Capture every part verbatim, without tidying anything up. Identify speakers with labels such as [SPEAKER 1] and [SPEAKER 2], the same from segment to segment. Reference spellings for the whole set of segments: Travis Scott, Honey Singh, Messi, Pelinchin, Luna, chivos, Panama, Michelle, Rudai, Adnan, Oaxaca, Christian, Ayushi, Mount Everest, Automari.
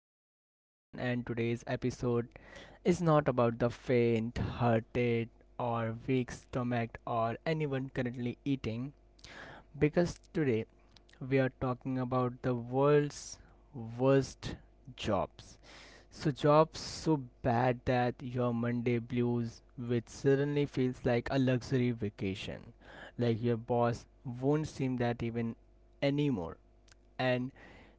[SPEAKER 1] host Adnan, and today's episode is not about the faint hearted or weak stomach or anyone currently eating because today we are talking about the world's worst jobs. So, jobs so bad that your Monday blues, which suddenly feels like a luxury vacation, like your boss won't seem that even anymore and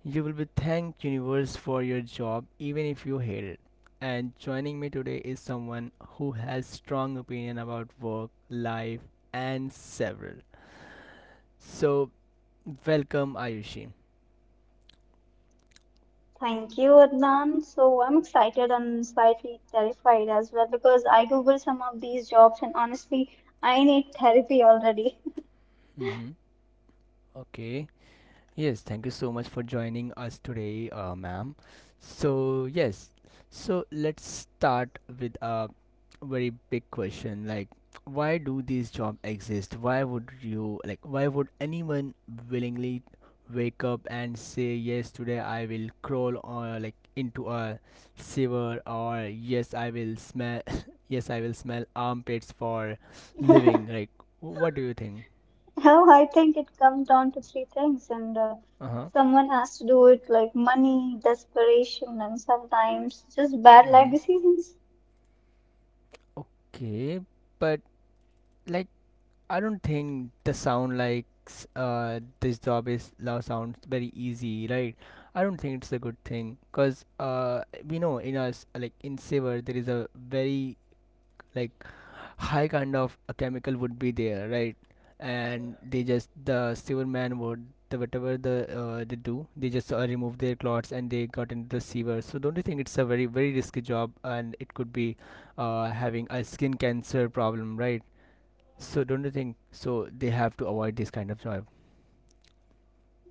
[SPEAKER 1] you will be thank universe for your job even if you hate it. And joining me today is someone who has strong opinion about work, life and several. So welcome Ayushi.
[SPEAKER 2] Thank you, Adnan. So I'm excited and slightly terrified as well because I Googled some of these jobs and honestly, I need therapy already.
[SPEAKER 1] Mm-hmm. Okay. Yes, thank you so much for joining us today, uh, ma'am. So, yes, so let's start with a very big question, like, why do these jobs exist? Why would you, like, why would anyone willingly wake up and say, yes, today I will crawl or like into a sewer, or yes, I will smell, yes, I will smell armpits for living? Like, what do you think?
[SPEAKER 2] Oh, I think it comes down to three things, and uh,
[SPEAKER 1] Uh huh.
[SPEAKER 2] someone has to do it like money, desperation, and sometimes just bad life
[SPEAKER 1] Mm-hmm.
[SPEAKER 2] decisions.
[SPEAKER 1] Okay, but like I don't think the sound like s- uh this job is love sounds very easy, right? I don't think it's a good thing because uh we know in us, like in Sever there is a very like high kind of a chemical would be there, right? And they just the sewer man would the whatever the uh, they do, they just uh, remove their clots and they got into the sewer. So don't you think it's a very very risky job and it could be uh having a skin cancer problem, right? So don't you think? So they have to avoid this kind of job.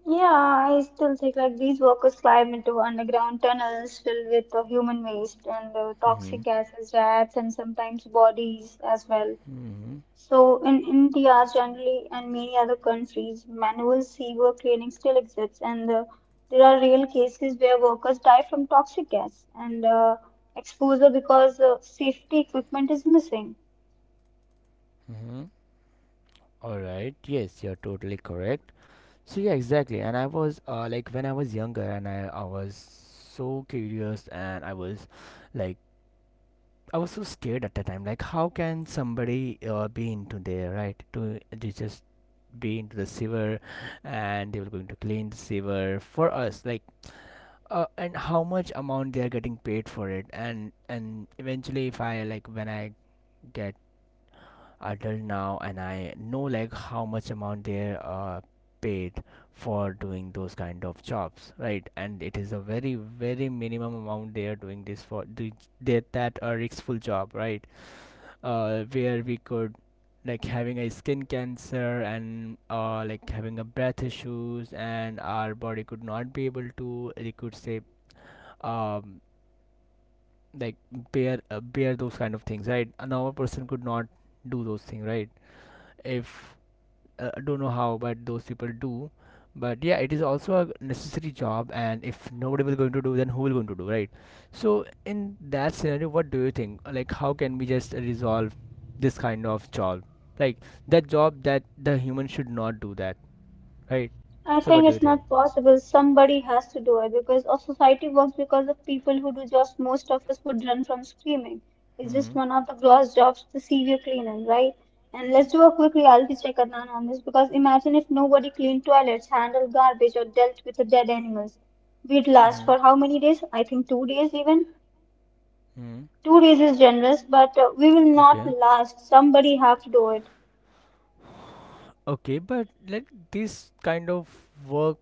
[SPEAKER 2] Yeah, I still think like these workers climb into underground tunnels filled with uh, human waste and uh,
[SPEAKER 1] Mm-hmm.
[SPEAKER 2] toxic gases, rats, and sometimes bodies as well.
[SPEAKER 1] Mm-hmm.
[SPEAKER 2] So in India generally and many other countries, manual sewer cleaning still exists, and uh, there are real cases where workers die from toxic gas and uh, exposure because uh, safety equipment is missing.
[SPEAKER 1] Mm-hmm. All right. Yes, you're totally correct. So yeah, exactly. And I was uh, like when I was younger, and I I was so curious, and I was like I was so scared at the time. Like, how can somebody uh, be into there, right? To they just be into the sewer, and they were going to clean the sewer for us. Like uh, and how much amount they are getting paid for it, and and eventually if I like when I get adult now and I know like how much amount they're uh, paid for doing those kind of jobs, right? And it is a very very minimum amount, they are doing this for do- they, that a riskful job, right? Uh, where we could like having a skin cancer and uh, like having a breath issues and our body could not be able to, they could say um, like bear uh, bear those kind of things, right? A normal person could not do those things, right? If uh, I don't know how, but those people do. But yeah, it is also a necessary job, and if nobody will going to do, then who will going to do, right? So in that scenario, what do you think, like how can we just resolve this kind of job, like that job that the human should not do that, right?
[SPEAKER 2] I
[SPEAKER 1] So what
[SPEAKER 2] think
[SPEAKER 1] do you
[SPEAKER 2] it's
[SPEAKER 1] think?
[SPEAKER 2] not possible. Somebody has to do it because our society works because of people who do jobs most of us would run from screaming. It's
[SPEAKER 1] Mm-hmm.
[SPEAKER 2] just one of the gross jobs, the severe cleaning, right? And let's do a quick reality check, Adnan, on this because imagine if nobody cleaned toilets, handled garbage, or dealt with the dead animals. We'd last
[SPEAKER 1] Mm-hmm.
[SPEAKER 2] for how many days? I think two days even.
[SPEAKER 1] Mm-hmm.
[SPEAKER 2] Two days is generous, but uh, we will not
[SPEAKER 1] Okay.
[SPEAKER 2] last. Somebody have to do it.
[SPEAKER 1] Okay, but like this kind of work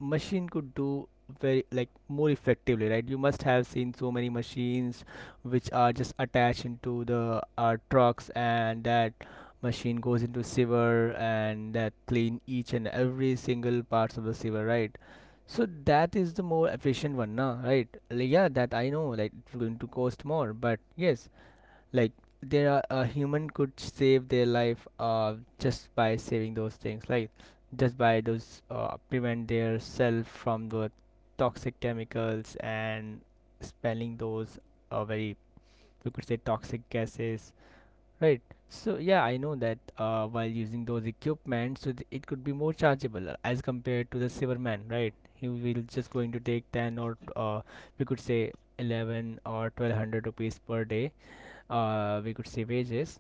[SPEAKER 1] machine could do very like more effectively, right? You must have seen so many machines which are just attached into the uh, trucks, and that machine goes into sewer and that clean each and every single parts of the sewer, right? So that is the more efficient one, na, right? Like, yeah, that I know, like it's going to cost more, but yes, like there are a human could save their life uh just by saving those things, like just by those uh, prevent their self from the toxic chemicals and spelling those uh, very, you could say, toxic gases, right? So yeah, I know that uh, while using those equipment, so th- it could be more chargeable uh, as compared to the silverman, right? He will just going to take ten or uh, we could say eleven or twelve hundred rupees per day, uh, we could say wages.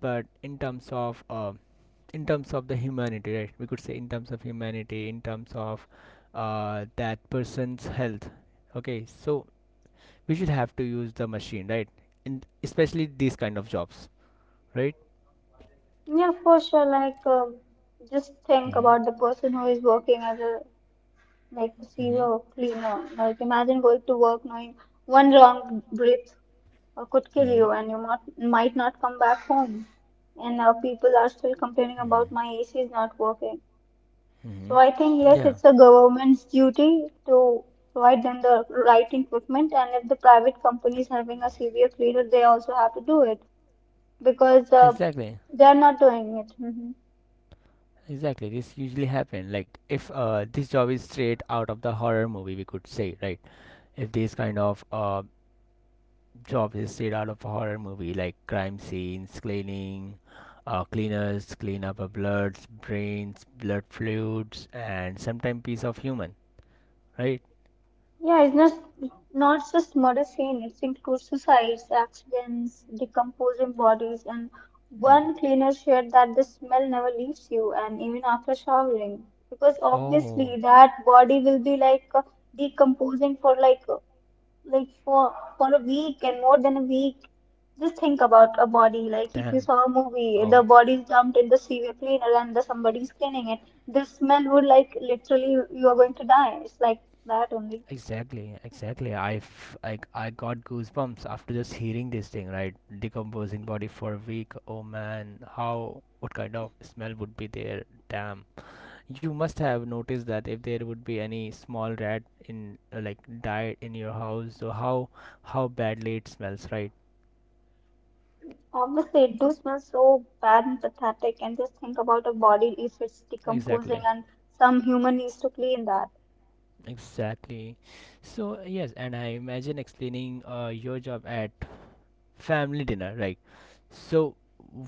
[SPEAKER 1] But in terms of uh, in terms of the humanity, right, we could say in terms of humanity, in terms of uh, that person's health. Okay, so we should have to use the machine, right, in especially these kind of jobs, right?
[SPEAKER 2] Yeah, for sure. Like, um, just think
[SPEAKER 1] Mm-hmm.
[SPEAKER 2] about the person who is working as a like a
[SPEAKER 1] Mm-hmm.
[SPEAKER 2] C E O cleaner. Like imagine going to work knowing one wrong breath uh, could kill
[SPEAKER 1] Mm-hmm.
[SPEAKER 2] you, and you might might not come back home. And now people are still complaining
[SPEAKER 1] Mm-hmm.
[SPEAKER 2] about my A C is not working. So I think
[SPEAKER 1] Mm-hmm.
[SPEAKER 2] yes,
[SPEAKER 1] Yeah,
[SPEAKER 2] it's the government's duty to provide them the right equipment, and if the private company is having a severe cleaner, they also have to do it because uh,
[SPEAKER 1] exactly.
[SPEAKER 2] they are not doing it. Mhm.
[SPEAKER 1] Exactly. This usually happen. Like if uh, this job is straight out of the horror movie, we could say, right? If these kind of uh, jobs is straight out of a horror movie, like crime scenes, cleaning, uh, cleaners clean up a bloods, brains, blood fluids, and sometimes piece of human, right?
[SPEAKER 2] Yeah, it's not not just murder scene. It includes suicides, accidents, decomposing bodies, and
[SPEAKER 1] Hmm.
[SPEAKER 2] one cleaner shared that the smell never leaves you, and even after showering, because
[SPEAKER 1] Oh,
[SPEAKER 2] obviously that body will be like uh, decomposing for like uh, like for for a week and more than a week. Just think about a body. Like if you
[SPEAKER 1] damn.
[SPEAKER 2] saw a movie, the
[SPEAKER 1] Oh,
[SPEAKER 2] body is dumped in the sewer cleaner and the somebody's cleaning it. The smell would like literally you are going to die. It's like that only.
[SPEAKER 1] exactly, exactly. I, f- I, I got goosebumps after just hearing this thing, right? Decomposing body for a week. Oh man, how? What kind of smell would be there? Damn. You must have noticed that if there would be any small rat in uh, like died in your house, so how how badly it smells, right?
[SPEAKER 2] Obviously, it do smell so bad and pathetic, and just think about a body if it's decomposing,
[SPEAKER 1] Exactly.
[SPEAKER 2] and some human needs to clean that.
[SPEAKER 1] Exactly. So yes, and I imagine explaining uh, your job at family dinner, right? So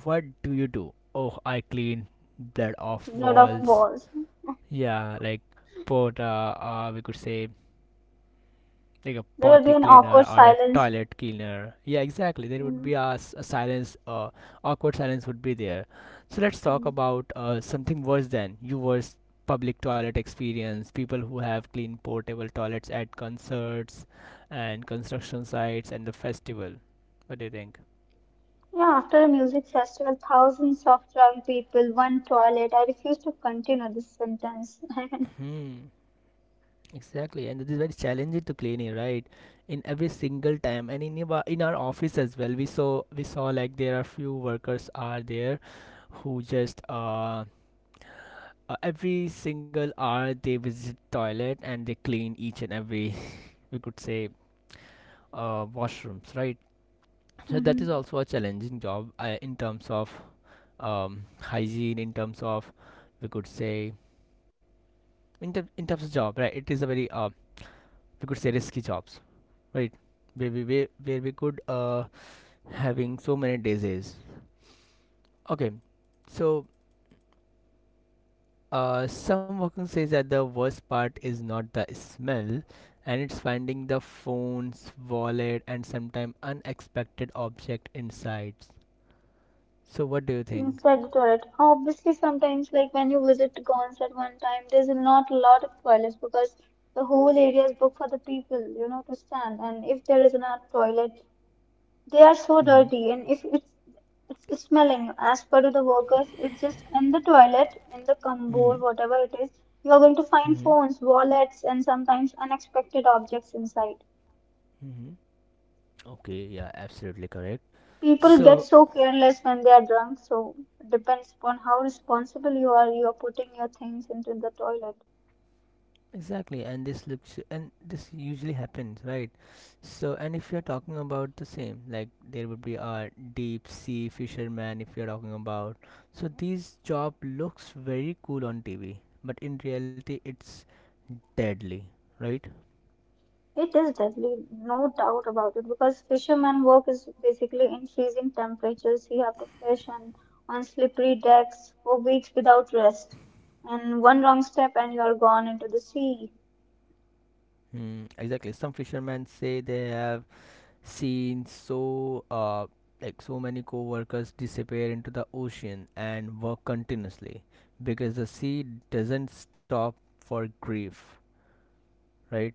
[SPEAKER 1] what do you do? Oh, I clean blood off
[SPEAKER 2] Lot of
[SPEAKER 1] walls.
[SPEAKER 2] balls.
[SPEAKER 1] Yeah, like put uh, uh we could say like a
[SPEAKER 2] There will
[SPEAKER 1] potty
[SPEAKER 2] be an
[SPEAKER 1] cleaner
[SPEAKER 2] awkward
[SPEAKER 1] or a
[SPEAKER 2] silence.
[SPEAKER 1] toilet cleaner. Yeah, exactly. There would
[SPEAKER 2] Mhm.
[SPEAKER 1] be a, s- a silence, uh, awkward silence would be there. So let's talk
[SPEAKER 2] Mhm.
[SPEAKER 1] about uh, something worse than you worst public toilet experience. People who have clean portable toilets at concerts and construction sites and the festival. What do you think?
[SPEAKER 2] Yeah, after a music festival, thousands of drunk people, one toilet. I refuse to continue this sentence.
[SPEAKER 1] Hmm. Exactly, and it is very challenging to clean it, right? In every single time, and in our, in our office as well, we saw we saw like there are few workers are there who just uh, uh, every single hour they visit toilet and they clean each and every we could say uh, washrooms, right? So that
[SPEAKER 2] Mhm.
[SPEAKER 1] is also a challenging job uh, in terms of um, hygiene, in terms of, we could say, in, ter- in terms of job, right? It is a very, uh, we could say, risky jobs, right? Where we where, where we could uh, having so many diseases. Okay, so Uh, some working says that the worst part is not the smell, and it's finding the phones, wallet, and sometimes unexpected object inside. So, what do you think?
[SPEAKER 2] Inspect toilet. Obviously, sometimes like when you visit Gons at one time, there's not a lot of toilets because the whole area is booked for the people, you know, to stand. And if there is not toilet, they are so
[SPEAKER 1] Mm-hmm.
[SPEAKER 2] dirty. And if it's it's smelling as per to the workers, it's just in the toilet, in the
[SPEAKER 1] Mm-hmm.
[SPEAKER 2] cupboard, whatever it is, you are going to
[SPEAKER 1] Mm-hmm.
[SPEAKER 2] find phones, wallets, and sometimes unexpected objects inside.
[SPEAKER 1] Mm-hmm. Okay, yeah, absolutely correct.
[SPEAKER 2] People get
[SPEAKER 1] So,
[SPEAKER 2] so careless when they are drunk, so it depends upon how responsible you are. You are putting your things into the toilet.
[SPEAKER 1] exactly, and this looks and this usually happens, right? So, and if you're talking about the same, like there would be a deep sea fisherman if you're talking about. So, these job looks very cool on T V, but in reality, it's deadly, right?
[SPEAKER 2] It is deadly, no doubt about it, because fishermen work is basically in freezing temperatures. You have to fish and on slippery decks for weeks without rest. And one wrong step and you are gone into the sea.
[SPEAKER 1] Mm, exactly. Some fishermen say they have seen so uh like so many co-workers disappear into the ocean and work continuously because the sea doesn't stop for grief, right?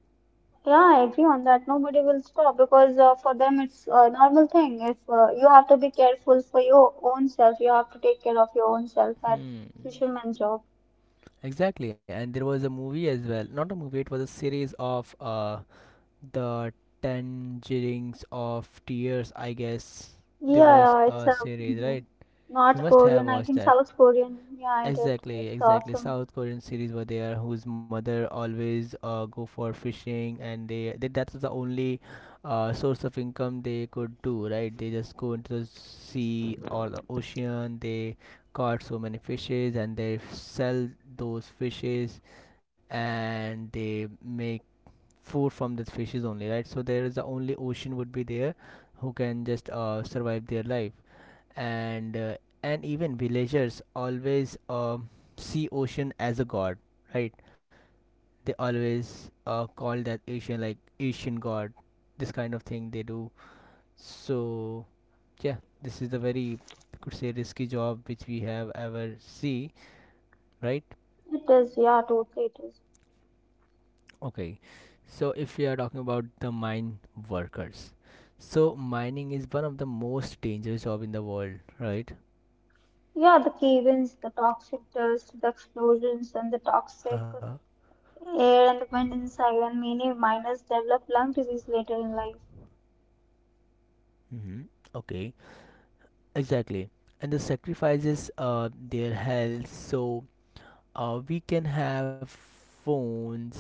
[SPEAKER 2] Yeah, I agree on that. Nobody will stop because uh, for them it's a normal thing. If uh, you have to be careful for your own self, you have to take care of your own self. That
[SPEAKER 1] Hmm.
[SPEAKER 2] fisherman job.
[SPEAKER 1] Exactly, and there was a movie as well. Not a movie; it was a series of uh, the Tangerines of Tears, I guess. There
[SPEAKER 2] Yeah,
[SPEAKER 1] was
[SPEAKER 2] yeah, it's
[SPEAKER 1] a
[SPEAKER 2] a
[SPEAKER 1] series,
[SPEAKER 2] mhm.
[SPEAKER 1] right? You
[SPEAKER 2] North
[SPEAKER 1] must have
[SPEAKER 2] Korean. I
[SPEAKER 1] watched
[SPEAKER 2] think
[SPEAKER 1] that.
[SPEAKER 2] South Korean. Yeah, I did.
[SPEAKER 1] Exactly,
[SPEAKER 2] It's
[SPEAKER 1] exactly.
[SPEAKER 2] awesome.
[SPEAKER 1] South Korean series were there whose mother always uh, go for fishing, and they, they that was the only uh, source of income they could do, right? They just go into the sea or the ocean, they caught so many fishes and they sell those fishes and they make food from the fishes only, right? So there is the only ocean would be there who can just uh, survive their life, and uh, and even villagers always uh see ocean as a god, right? They always uh, call that ocean like asian god, this kind of thing they do. So yeah, this is a very, I could say, risky job which we have ever see, right?
[SPEAKER 2] It is. Yeah, totally it is.
[SPEAKER 1] Okay, so if we are talking about the mine workers, so mining is one of the most dangerous job in the world, right?
[SPEAKER 2] Yeah, the cave-ins, the toxic dust, the explosions, and the toxic
[SPEAKER 1] Uh-huh.
[SPEAKER 2] air and the wind inside, and many miners develop lung disease later in life.
[SPEAKER 1] Mm-hmm. Okay. Exactly. And the sacrifices uh, their health, so uh, we can have phones,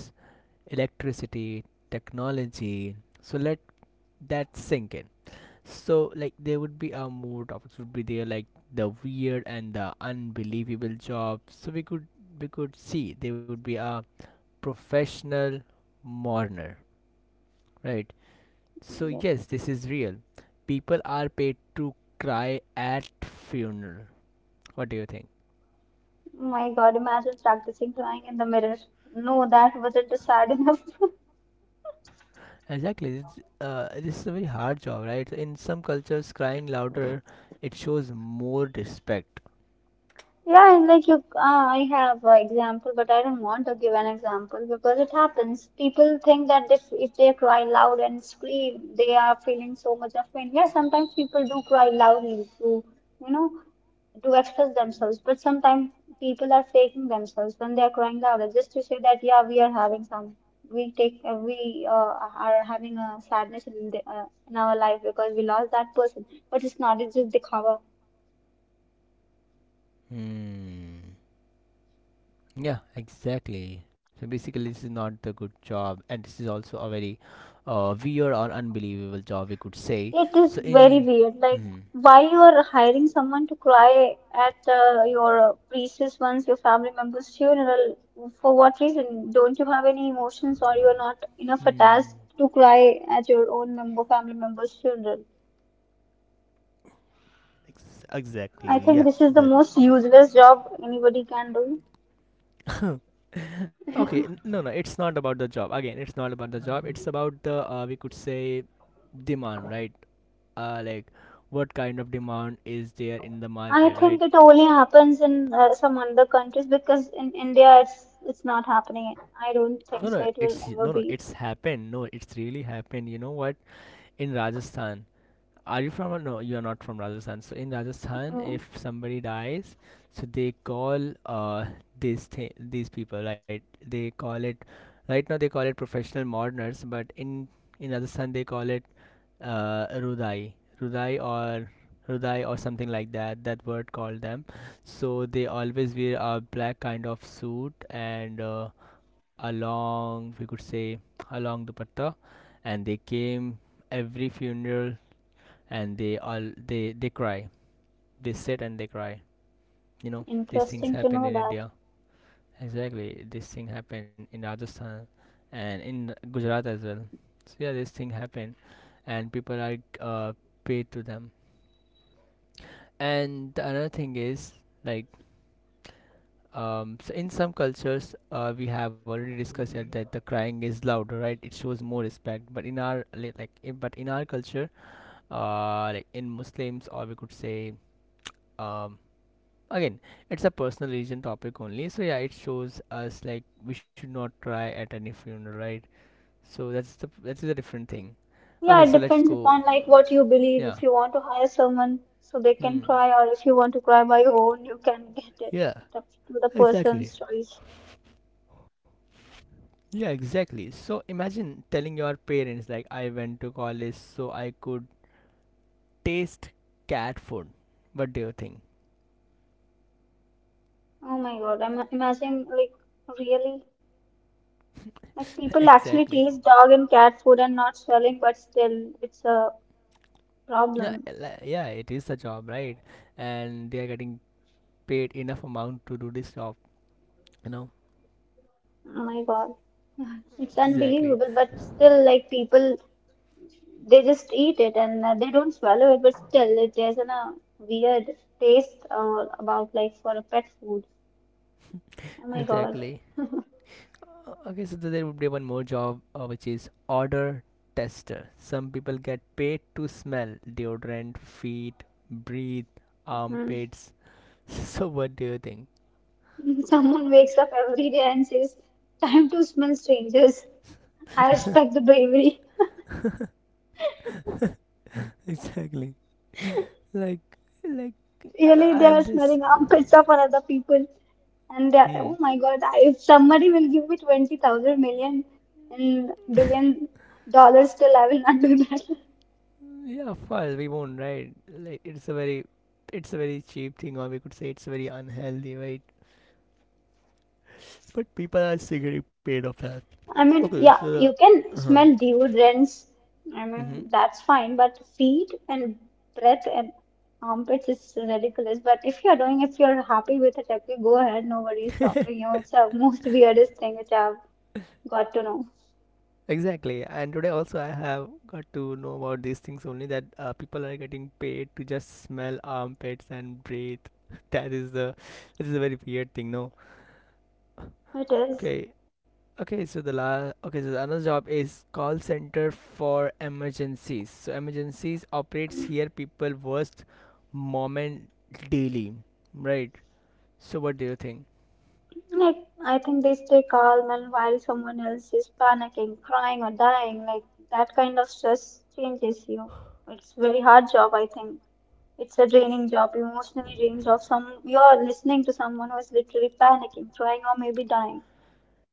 [SPEAKER 1] electricity, technology. So let that sink in. So like there would be uh, more topics would be there, like the weird and the unbelievable jobs. So we could we could see there would be a professional mourner, right? So
[SPEAKER 2] Mm, yeah.
[SPEAKER 1] yes, this is real. People are paid to cry at funeral. What do you think?
[SPEAKER 2] Oh my God, imagine practicing crying in the mirror. No, that wasn't sad enough.
[SPEAKER 1] Exactly. This, uh, this is a very hard job, right? So, in some cultures, crying louder, it shows more respect.
[SPEAKER 2] Yeah, and like you, uh, I have an example, but I don't want to give an example because it happens. People think that if, if they cry loud and scream, they are feeling so much of pain. Yeah, sometimes people do cry loudly to, you know, to express themselves, but sometimes people are faking themselves when they are crying louder just to say that, yeah, we are having some, we take, uh, we uh, are having a sadness in, the, uh, in our life because we lost that person. But it's not, it's just the cover.
[SPEAKER 1] Hmm. Yeah, exactly. So basically, this is not the good job, and this is also a very uh, weird or unbelievable job, we could say.
[SPEAKER 2] It is
[SPEAKER 1] So
[SPEAKER 2] very
[SPEAKER 1] in.
[SPEAKER 2] weird. Like,
[SPEAKER 1] Hmm.
[SPEAKER 2] why you are hiring someone to cry at uh, your uh, priestess once your family member's funeral? For what reason? Don't you have any emotions, or you are not enough
[SPEAKER 1] Hmm.
[SPEAKER 2] attached to cry at your own member family member's funeral?
[SPEAKER 1] Ex- exactly.
[SPEAKER 2] I think
[SPEAKER 1] Yeah.
[SPEAKER 2] this is the
[SPEAKER 1] That.
[SPEAKER 2] most useless job anybody can do.
[SPEAKER 1] Okay, n- no, no, it's not about the job. Again, it's not about the job. It's about the, uh, we could say, demand, right? Uh, like, what kind of demand is there in the
[SPEAKER 2] I
[SPEAKER 1] market,
[SPEAKER 2] think
[SPEAKER 1] right?
[SPEAKER 2] it only happens in uh, some other countries because in India it's it's not happening. I don't
[SPEAKER 1] No,
[SPEAKER 2] think
[SPEAKER 1] no,
[SPEAKER 2] so. It
[SPEAKER 1] it's,
[SPEAKER 2] will
[SPEAKER 1] no, no,
[SPEAKER 2] ever be
[SPEAKER 1] it's happened. No, it's really happened. You know what? In Rajasthan, are you from? No, you are not from Rajasthan. So in Rajasthan,
[SPEAKER 2] mm,
[SPEAKER 1] if somebody dies, so they call uh these th- these people, right? They call it right now they call it professional mourners, but in in Rajasthan they call it uh, Rudai, Rudai or Rudai or something like that. That word called them. So they always wear a black kind of suit and uh, a long, we could say, a long dupatta, and they came every funeral and they all they they cry. They sit and they cry. You know these things
[SPEAKER 2] interesting to
[SPEAKER 1] happen
[SPEAKER 2] know
[SPEAKER 1] in
[SPEAKER 2] that.
[SPEAKER 1] India. Exactly, this thing happened in Rajasthan and in Gujarat as well. So yeah, this thing happened, and people are uh, paid to them. And the another thing is like um, so in some cultures uh, we have already discussed here that the crying is louder, right? It shows more respect. But in our li- like in, but in our culture, uh, like in Muslims, or we could say, um, again it's a personal religion topic only. So yeah, it shows us like we should not cry at any funeral, right? So that's the that's a different thing. Okay,
[SPEAKER 2] Yeah, it
[SPEAKER 1] so let's
[SPEAKER 2] depends
[SPEAKER 1] go.
[SPEAKER 2] upon like what you believe.
[SPEAKER 1] Yeah.
[SPEAKER 2] If you want to hire someone so they can
[SPEAKER 1] Hmm.
[SPEAKER 2] cry, or if you want to cry by your own, you can get it.
[SPEAKER 1] Yeah.
[SPEAKER 2] That's to the
[SPEAKER 1] Exactly.
[SPEAKER 2] person's choice.
[SPEAKER 1] Yeah, exactly. So imagine telling your parents, like, I went to college so I could taste cat food. What do you think?
[SPEAKER 2] Oh my God, I'm imagining like really like people actually
[SPEAKER 1] exactly.
[SPEAKER 2] taste dog and cat food and not swelling, but still it's a
[SPEAKER 1] Yeah,
[SPEAKER 2] problem.
[SPEAKER 1] li- yeah, it is a job, right? And they are getting paid enough amount to do this job, you know.
[SPEAKER 2] Oh my God, it's
[SPEAKER 1] Exactly.
[SPEAKER 2] unbelievable. But still, like people, they just eat it and uh, they don't swallow it, but still it, there's an, a weird taste uh, about like for a pet food. Oh my God.
[SPEAKER 1] Exactly. Uh, Okay, so there would be one more job uh, which is odor tester. Some people get paid to smell deodorant, feet, breathe,
[SPEAKER 2] Mhm.
[SPEAKER 1] armpits. So what do you think?
[SPEAKER 2] Someone wakes up every day and says, time to smell strangers. I respect the bravery.
[SPEAKER 1] exactly. Like, like
[SPEAKER 2] Really, they
[SPEAKER 1] I-
[SPEAKER 2] are
[SPEAKER 1] am just.
[SPEAKER 2] smelling armpits of other people. And they are, oh
[SPEAKER 1] Hmm.
[SPEAKER 2] my God, I- if somebody will give me twenty thousand million and billion dollars, still I will not do that.
[SPEAKER 1] Yeah, of course we won't, right? Like it's a very, it's a very cheap thing, or we could say it's very unhealthy, right? But people are still getting paid off that.
[SPEAKER 2] I mean,
[SPEAKER 1] Okay,
[SPEAKER 2] yeah,
[SPEAKER 1] so
[SPEAKER 2] you
[SPEAKER 1] uh
[SPEAKER 2] can
[SPEAKER 1] huh.
[SPEAKER 2] smell deodorants. I mean, that's fine, but feet and breath and armpits is ridiculous. But if you're doing, if you're happy with it, okay, go ahead. Nobody is
[SPEAKER 1] Mm-hmm.
[SPEAKER 2] stopping you. It's the most weirdest thing which I've got to know.
[SPEAKER 1] Exactly, and today also I have got to know about these things only, that uh, people are getting paid to just smell armpits and breathe. That is the this is a very weird thing, no?
[SPEAKER 2] It is.
[SPEAKER 1] Okay, okay. So the last okay, so another job is call center for emergencies. So emergencies operates here people worst moment daily, right? So what do you think?
[SPEAKER 2] Like, I think they stay calm, and while someone else is panicking, crying, or dying, like that kind of stress changes you. It's very hard job, I think. It's a draining job, emotionally draining job. Some you're listening to someone who is literally panicking, crying, or maybe dying.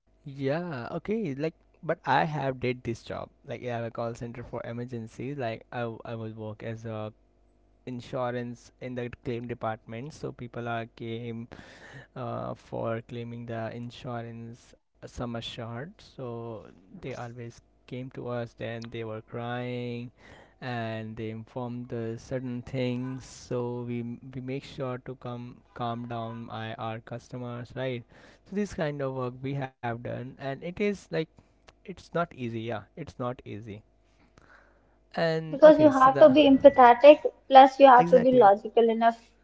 [SPEAKER 1] Yeah, okay, like but I have did this job. Like I have a call center for emergencies. Like I w- I would work as a insurance in the claim department. So people are came uh, for claiming the insurance sum assured. So they always came to us, then they were crying and they informed the certain things. So we, we make sure to come calm down my, our customers, right? So this kind of work we have done and it is like it's not easy, yeah, it's not easy. And
[SPEAKER 2] Because you
[SPEAKER 1] okay, so
[SPEAKER 2] have to
[SPEAKER 1] the
[SPEAKER 2] be empathetic, plus you have to be
[SPEAKER 1] exactly.
[SPEAKER 2] logical enough.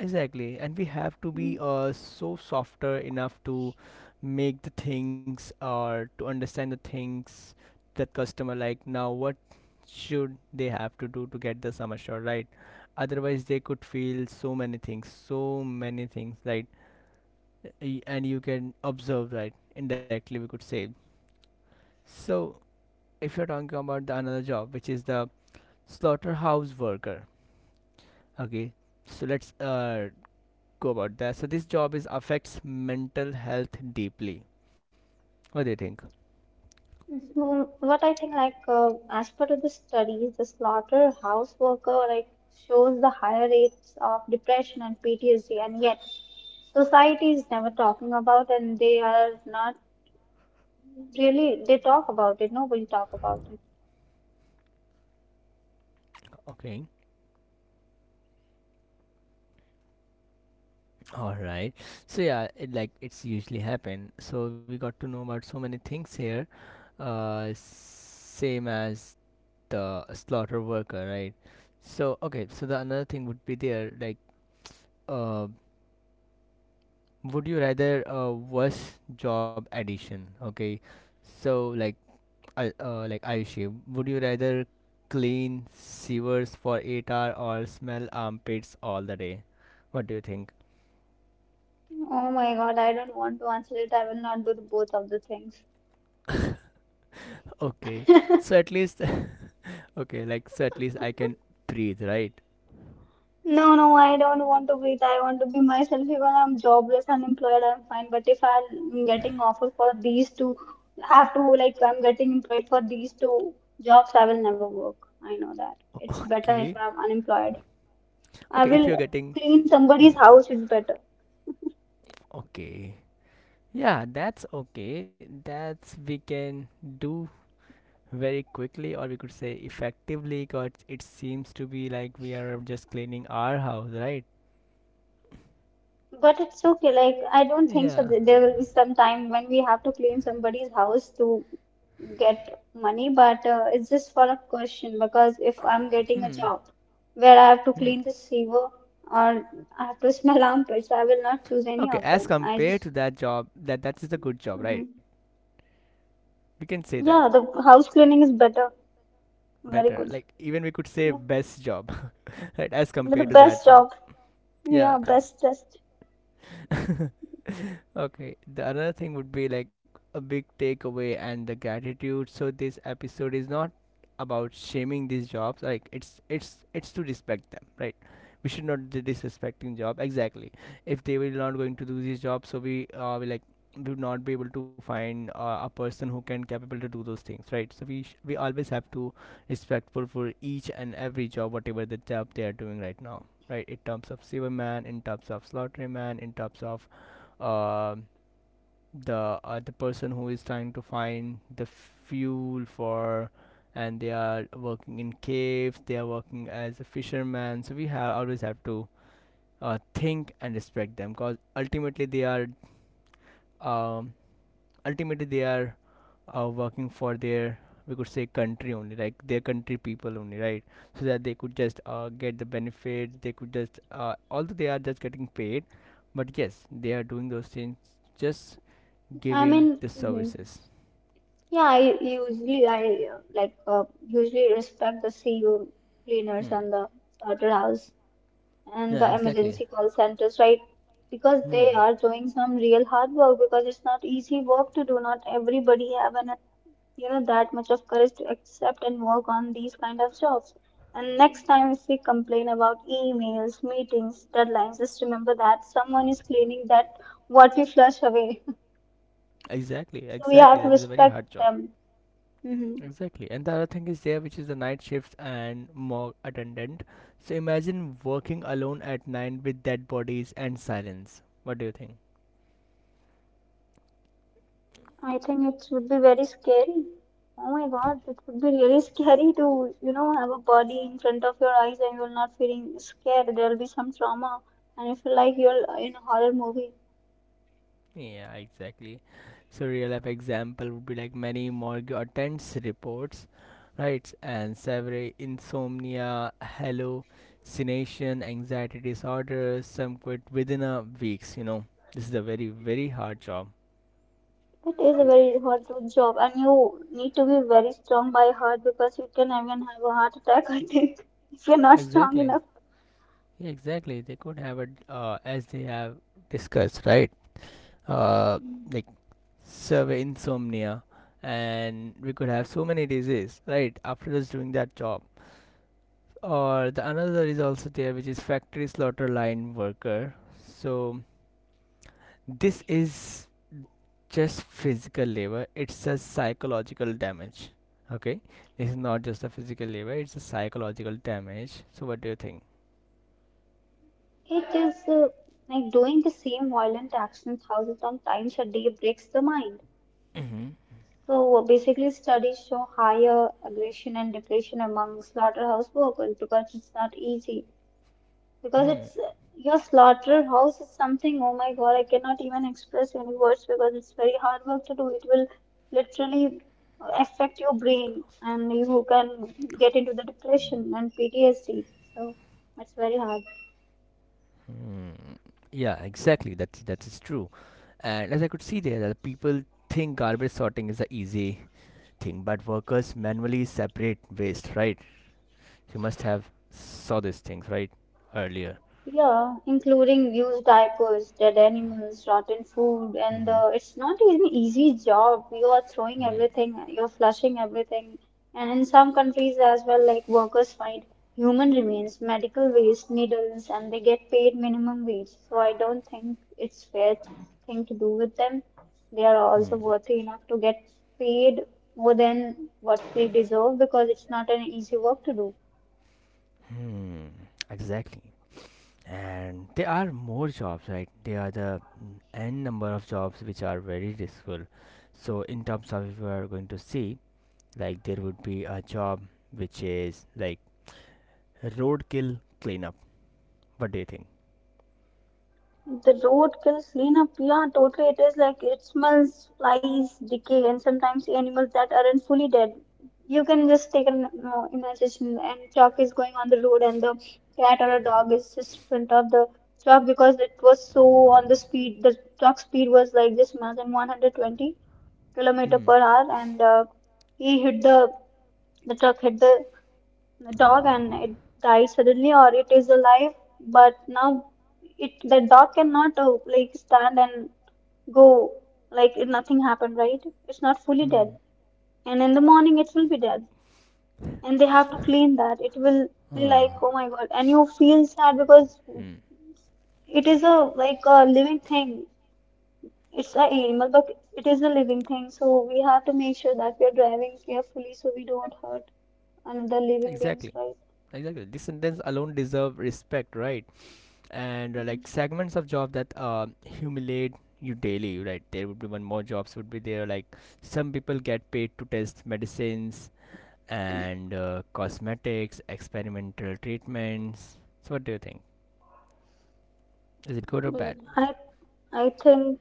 [SPEAKER 1] Exactly, and we have to
[SPEAKER 2] Mhm.
[SPEAKER 1] be uh, so softer enough to make the things or to understand the things that customer like now what should they have to do to get the sum assured, right? Otherwise they could feel so many things, so many things right. Y- and you can observe, right, indirectly we could say. So if you're talking about the another job which is the slaughterhouse worker, okay, so let's uh go about that. So this job is affects mental health deeply. What do you think?
[SPEAKER 2] What I think, like uh, as per the studies, the slaughterhouse worker like shows the higher rates of depression and P T S D, and yet society is never talking about, and they are not really. They talk about it. Nobody talk about it.
[SPEAKER 1] Okay. All right. So yeah, it, like it's usually happen. So we got to know about so many things here. Uh, same as the slaughter worker, right? So okay. So the another thing would be there like uh, would you rather a worse job addition? Okay. So like I, uh, like Ayushi, would you rather clean sewers for eight hours or smell armpits all the day? What do you think?
[SPEAKER 2] Oh my God, I don't want to answer it. I will not do the- both of the things.
[SPEAKER 1] Okay, so at least, okay, like, so at least I can breathe, right?
[SPEAKER 2] No, no, I don't want to be. It. I want to be myself. Even I'm jobless, unemployed, I'm fine. But if I'm getting offer for these two, have to like I'm getting employed for these two jobs, I will never work. I know that. It's better
[SPEAKER 1] Okay,
[SPEAKER 2] if I'm unemployed.
[SPEAKER 1] okay,
[SPEAKER 2] I
[SPEAKER 1] if you're
[SPEAKER 2] will
[SPEAKER 1] getting,
[SPEAKER 2] clean
[SPEAKER 1] if,
[SPEAKER 2] somebody's house. It's better.
[SPEAKER 1] okay, yeah, that's okay. That's we can do very quickly, or we could say effectively, because it seems to be like we are just cleaning our house, right?
[SPEAKER 2] But it's okay. Like, I don't think so.
[SPEAKER 1] Yeah,
[SPEAKER 2] That there will be some time when we have to clean somebody's house to get money. But uh, it's just for a question because if I'm getting a
[SPEAKER 1] hmm,
[SPEAKER 2] job where I have to
[SPEAKER 1] hmm.
[SPEAKER 2] clean the sewer or I have to smell armpits, I will not choose any
[SPEAKER 1] Okay,
[SPEAKER 2] of
[SPEAKER 1] as
[SPEAKER 2] them. I
[SPEAKER 1] compared
[SPEAKER 2] just,
[SPEAKER 1] to that job, that that is a good job,
[SPEAKER 2] hmm
[SPEAKER 1] right? We can say that
[SPEAKER 2] yeah, the house cleaning is better. Very
[SPEAKER 1] better.
[SPEAKER 2] good.
[SPEAKER 1] Like even we could say
[SPEAKER 2] Yeah.
[SPEAKER 1] best job, right? As
[SPEAKER 2] The
[SPEAKER 1] compared to that
[SPEAKER 2] best
[SPEAKER 1] job.
[SPEAKER 2] job.
[SPEAKER 1] Yeah.
[SPEAKER 2] Yeah, best test.
[SPEAKER 1] Okay, the another thing would be like a big takeaway and the gratitude. So this episode is not about shaming these jobs. Like it's it's it's to respect them, right? We should not be disrespecting job exactly. If they will not going to do these jobs, so we uh we like we would not be able to find uh, a person who can capable to do those things, right? So we sh- we always have to respectful for each and every job, whatever the job they are doing right now, right? In terms of silverman, in terms of slaughterman, in terms of um, the uh, the person who is trying to find the fuel for, and they are working in caves, they are working as a fisherman, so we have always have to uh, think and respect them, because ultimately they are um, ultimately they are uh, working for their, we could say, country only, like their country people only, right? So that they could just uh, get the benefit, they could just uh, although they are just getting paid, but yes they are doing those things, just
[SPEAKER 2] I mean,
[SPEAKER 1] giving the
[SPEAKER 2] mhm.
[SPEAKER 1] services.
[SPEAKER 2] Yeah, I usually I uh, like uh, usually respect the C U cleaners
[SPEAKER 1] Hmm.
[SPEAKER 2] and the slaughterhouse and
[SPEAKER 1] Yeah,
[SPEAKER 2] the
[SPEAKER 1] exactly.
[SPEAKER 2] emergency call centers, right? Because they
[SPEAKER 1] Hmm.
[SPEAKER 2] are doing some real hard work because it's not easy work to do. Not everybody have an you know that much of courage to accept and work on these kind of jobs. And next time if we complain about emails, meetings, deadlines, just remember that someone is cleaning that what we flush away.
[SPEAKER 1] Exactly,
[SPEAKER 2] So we have
[SPEAKER 1] exactly,
[SPEAKER 2] to
[SPEAKER 1] that is a very
[SPEAKER 2] respect
[SPEAKER 1] hard job.
[SPEAKER 2] them. Hmm.
[SPEAKER 1] Exactly, and the other thing is there which is the night shifts and morgue attendant. So imagine working alone at night with dead bodies and silence. What do you think?
[SPEAKER 2] I think it would be very scary. Oh my God, it would be really scary to, you know, have a body in front of your eyes and you're not feeling scared. There'll be some trauma, and you feel like you're in a horror movie.
[SPEAKER 1] Yeah, exactly. So real life example would be like many morgue attends reports, right? And several insomnia, hallucination, anxiety disorders, some quit within a weeks, you know. This is a very, very hard job.
[SPEAKER 2] It is a very hard job, and you need to be very strong by heart because you can even have a heart attack, I think, if you're not strong
[SPEAKER 1] Exactly.
[SPEAKER 2] enough.
[SPEAKER 1] Yeah, exactly. They could have it uh, as they have discussed, right? Uh, like severe insomnia, and we could have so many disease, right? After just doing that job, or the another is also there, which is factory slaughter line worker. So this is just physical labor, it's a psychological damage. Okay, this is not just a physical labor, it's a psychological damage. So what do you think?
[SPEAKER 2] It is uh, like doing the same violent actions thousands of times a day breaks the mind.
[SPEAKER 1] Mm-hmm.
[SPEAKER 2] So uh, basically, studies show higher aggression and depression among slaughterhouse workers because it's not easy. Because
[SPEAKER 1] Hmm.
[SPEAKER 2] it's uh, your slaughterhouse is something, oh my God, I cannot even express any words because it's very hard work to do. It will literally affect your brain and you can get into the depression and P T S D. So it's very hard.
[SPEAKER 1] Hmm. Yeah, exactly. That that is true. And as I could see there, that people think garbage sorting is a easy thing, but workers manually separate waste, right? You must have saw these things, right, earlier.
[SPEAKER 2] Yeah, including used diapers, dead animals, rotten food, and uh, it's not an easy job. You are throwing everything, you're flushing everything. And in some countries as well, like workers find human remains, medical waste, needles, and they get paid minimum wage. So I don't think it's fair thing to do with them. They are also
[SPEAKER 1] Hmm.
[SPEAKER 2] worthy enough to get paid more than what they deserve because it's not an easy work to do.
[SPEAKER 1] Hmm. Exactly. And there are more jobs, right? There are the mm, n number of jobs which are very useful. So in terms of if we are going to see, like there would be a job which is like roadkill cleanup. What do you think?
[SPEAKER 2] The road roadkill cleanup, yeah, totally. It is like it smells, flies, decay, and sometimes animals that aren't fully dead. You can just take an uh, imagination, and truck is going on the road, and the cat or a dog is just in front of the truck because it was so on the speed. The truck speed was like just more than one hundred twenty kilometer
[SPEAKER 1] Hmm.
[SPEAKER 2] per hour, and uh, he hit the the truck hit the the dog and it died suddenly, or it is alive but now it the dog cannot uh, like stand and go, like it- nothing happened, right? It's not fully
[SPEAKER 1] Hmm.
[SPEAKER 2] dead, and in the morning it will be dead and they have to clean that. It will be like, oh my God, and you feel sad because it is a, like a living thing, it's a animal, but it is a living thing. So we have to make sure that we are driving carefully so we don't hurt another living beings,
[SPEAKER 1] Exactly.
[SPEAKER 2] right?
[SPEAKER 1] Exactly. This sentence alone deserve respect, right? And uh, like segments of job that uh, humiliate you daily, right? There would be one more jobs would be there, like some people get paid to test medicines and uh, cosmetics experimental treatments. So what do you think, is it good or
[SPEAKER 2] Well,
[SPEAKER 1] bad?
[SPEAKER 2] I I think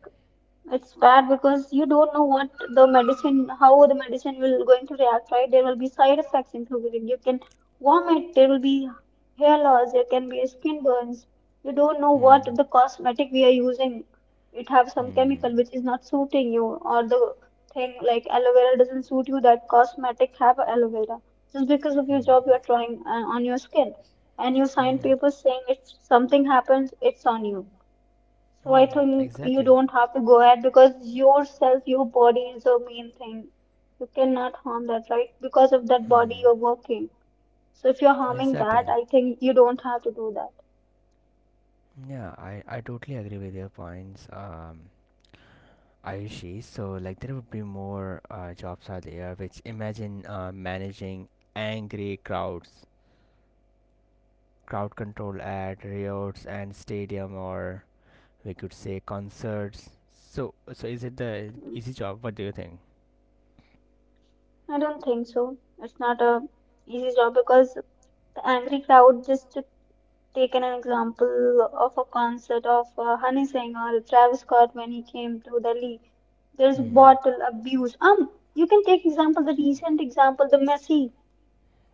[SPEAKER 2] it's bad because you don't know what the medicine, how the medicine will going to react, right? There will be side effects included. You can vomit, there will be hair loss, there can be skin burns. You don't know what
[SPEAKER 1] Hmm.
[SPEAKER 2] the cosmetic we are using. It have some
[SPEAKER 1] Hmm.
[SPEAKER 2] chemical which is not suiting you, or the thing like aloe vera doesn't suit you. That cosmetic have aloe vera. Just because of your
[SPEAKER 1] Hmm.
[SPEAKER 2] job you are trying uh, on your skin, and you sign
[SPEAKER 1] Hmm,
[SPEAKER 2] papers saying it's something happens, it's on you. So I
[SPEAKER 1] hmm.
[SPEAKER 2] think you
[SPEAKER 1] Exactly.
[SPEAKER 2] don't have to go ahead because yourself, your body is the main thing. You cannot harm that, right? Because of that body you're
[SPEAKER 1] Hmm.
[SPEAKER 2] working. So if you're harming that,
[SPEAKER 1] Exactly.
[SPEAKER 2] I think you don't have to do that.
[SPEAKER 1] Yeah, i i totally agree with your points. um Ayushi, so like there would be more uh, jobs are there, which imagine uh, managing angry crowds, crowd control at riots and stadium, or we could say concerts. So, so is it the
[SPEAKER 2] Mm.
[SPEAKER 1] easy job? What do you think?
[SPEAKER 2] I don't think so. It's not a easy job because the angry crowd, just to take an example of a concert of uh, Honey Singh or Travis Scott when he came to Delhi, there's
[SPEAKER 1] Hmm.
[SPEAKER 2] bottle abuse. Um, you can take example, the recent example, the Messi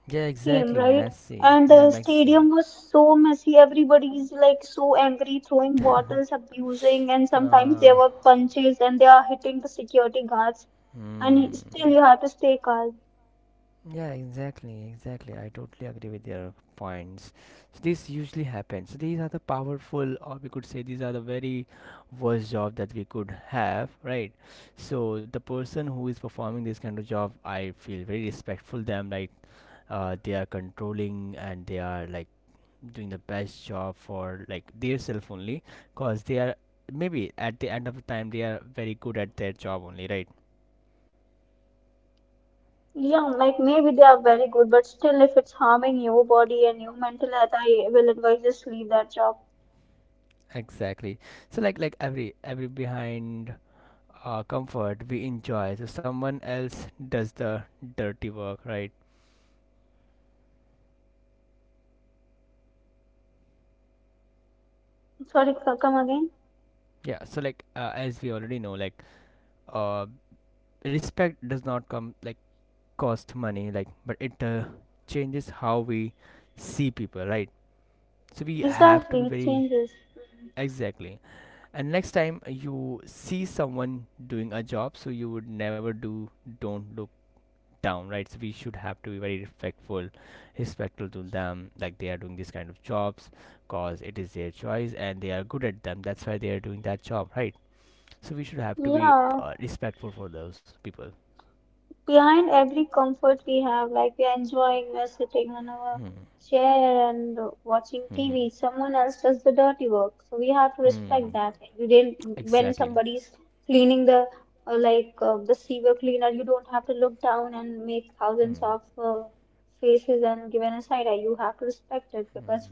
[SPEAKER 1] Yeah,
[SPEAKER 2] came,
[SPEAKER 1] exactly.
[SPEAKER 2] right?
[SPEAKER 1] Messy.
[SPEAKER 2] And
[SPEAKER 1] Yeah,
[SPEAKER 2] the
[SPEAKER 1] messy.
[SPEAKER 2] stadium was so messy. Everybody's like so angry, throwing bottles, abusing, and sometimes
[SPEAKER 1] uh,
[SPEAKER 2] there were punches and they are hitting the security guards. And still,
[SPEAKER 1] hmm.
[SPEAKER 2] you have to stay calm.
[SPEAKER 1] Yeah, exactly, exactly. I totally agree with your points. So this usually happens. So these are the powerful, or we could say these are the very worst job that we could have, right? So the person who is performing this kind of job, I feel very respectful them. Like uh, they are controlling, and they are like doing the best job for like their self only, cause they are maybe at the end of the time they are very good at their job only, right?
[SPEAKER 2] Yeah, like maybe they are very good, but still, if it's harming your body and your mental health, I will advise just leave that job.
[SPEAKER 1] Exactly. So like like every every behind uh, comfort we enjoy. So someone else does the dirty work, right?
[SPEAKER 2] Sorry, c- come again?
[SPEAKER 1] Yeah. So like uh, as we already know, like uh, respect does not come like cost money, like but it uh, changes how we see people, right? So we have to
[SPEAKER 2] Exactly,
[SPEAKER 1] be
[SPEAKER 2] it
[SPEAKER 1] very
[SPEAKER 2] changes.
[SPEAKER 1] exactly. And next time you see someone doing a job, so you would never do. Don't look down, right? So we should have to be very respectful, respectful to them, like they are doing this kind of jobs, cause it is their choice and they are good at them, that's why they are doing that job, right? So we should have to be
[SPEAKER 2] Yeah.
[SPEAKER 1] uh, respectful for those people.
[SPEAKER 2] Behind every comfort we have, like we are enjoying, we are sitting on our chair and watching
[SPEAKER 1] Mm-hmm.
[SPEAKER 2] T V, someone else does the dirty work. So we have to respect
[SPEAKER 1] Hmm.
[SPEAKER 2] that. You didn't, when
[SPEAKER 1] Exactly.
[SPEAKER 2] somebody's cleaning the uh, like uh, the sewer cleaner, you don't have to look down and make
[SPEAKER 1] Hmm.
[SPEAKER 2] thousands of uh, faces and give an side eye. You have to respect it because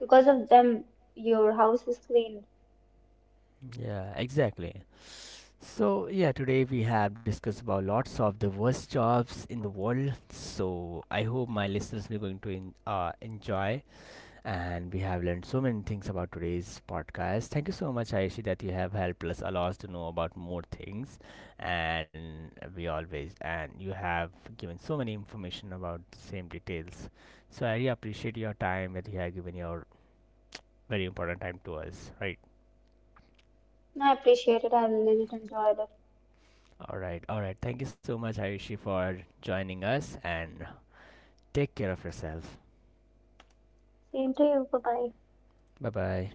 [SPEAKER 2] because of them, your house is cleaned.
[SPEAKER 1] Yeah, exactly. So yeah, today we have discussed about lots of the worst jobs in the world, so I hope my listeners will going to en- uh, enjoy, and we have learned so many things about today's podcast. Thank you so much, Ayushi, that you have helped us a lot to know about more things, and we always and you have given so many information about the same details. So I really appreciate your time, that you have given your very important time to us. Right.
[SPEAKER 2] I appreciate it. I really enjoyed it.
[SPEAKER 1] All right. All right. Thank you so much, Ayushi, for joining us, and take care of yourself.
[SPEAKER 2] Same to you. Bye bye.
[SPEAKER 1] Bye bye.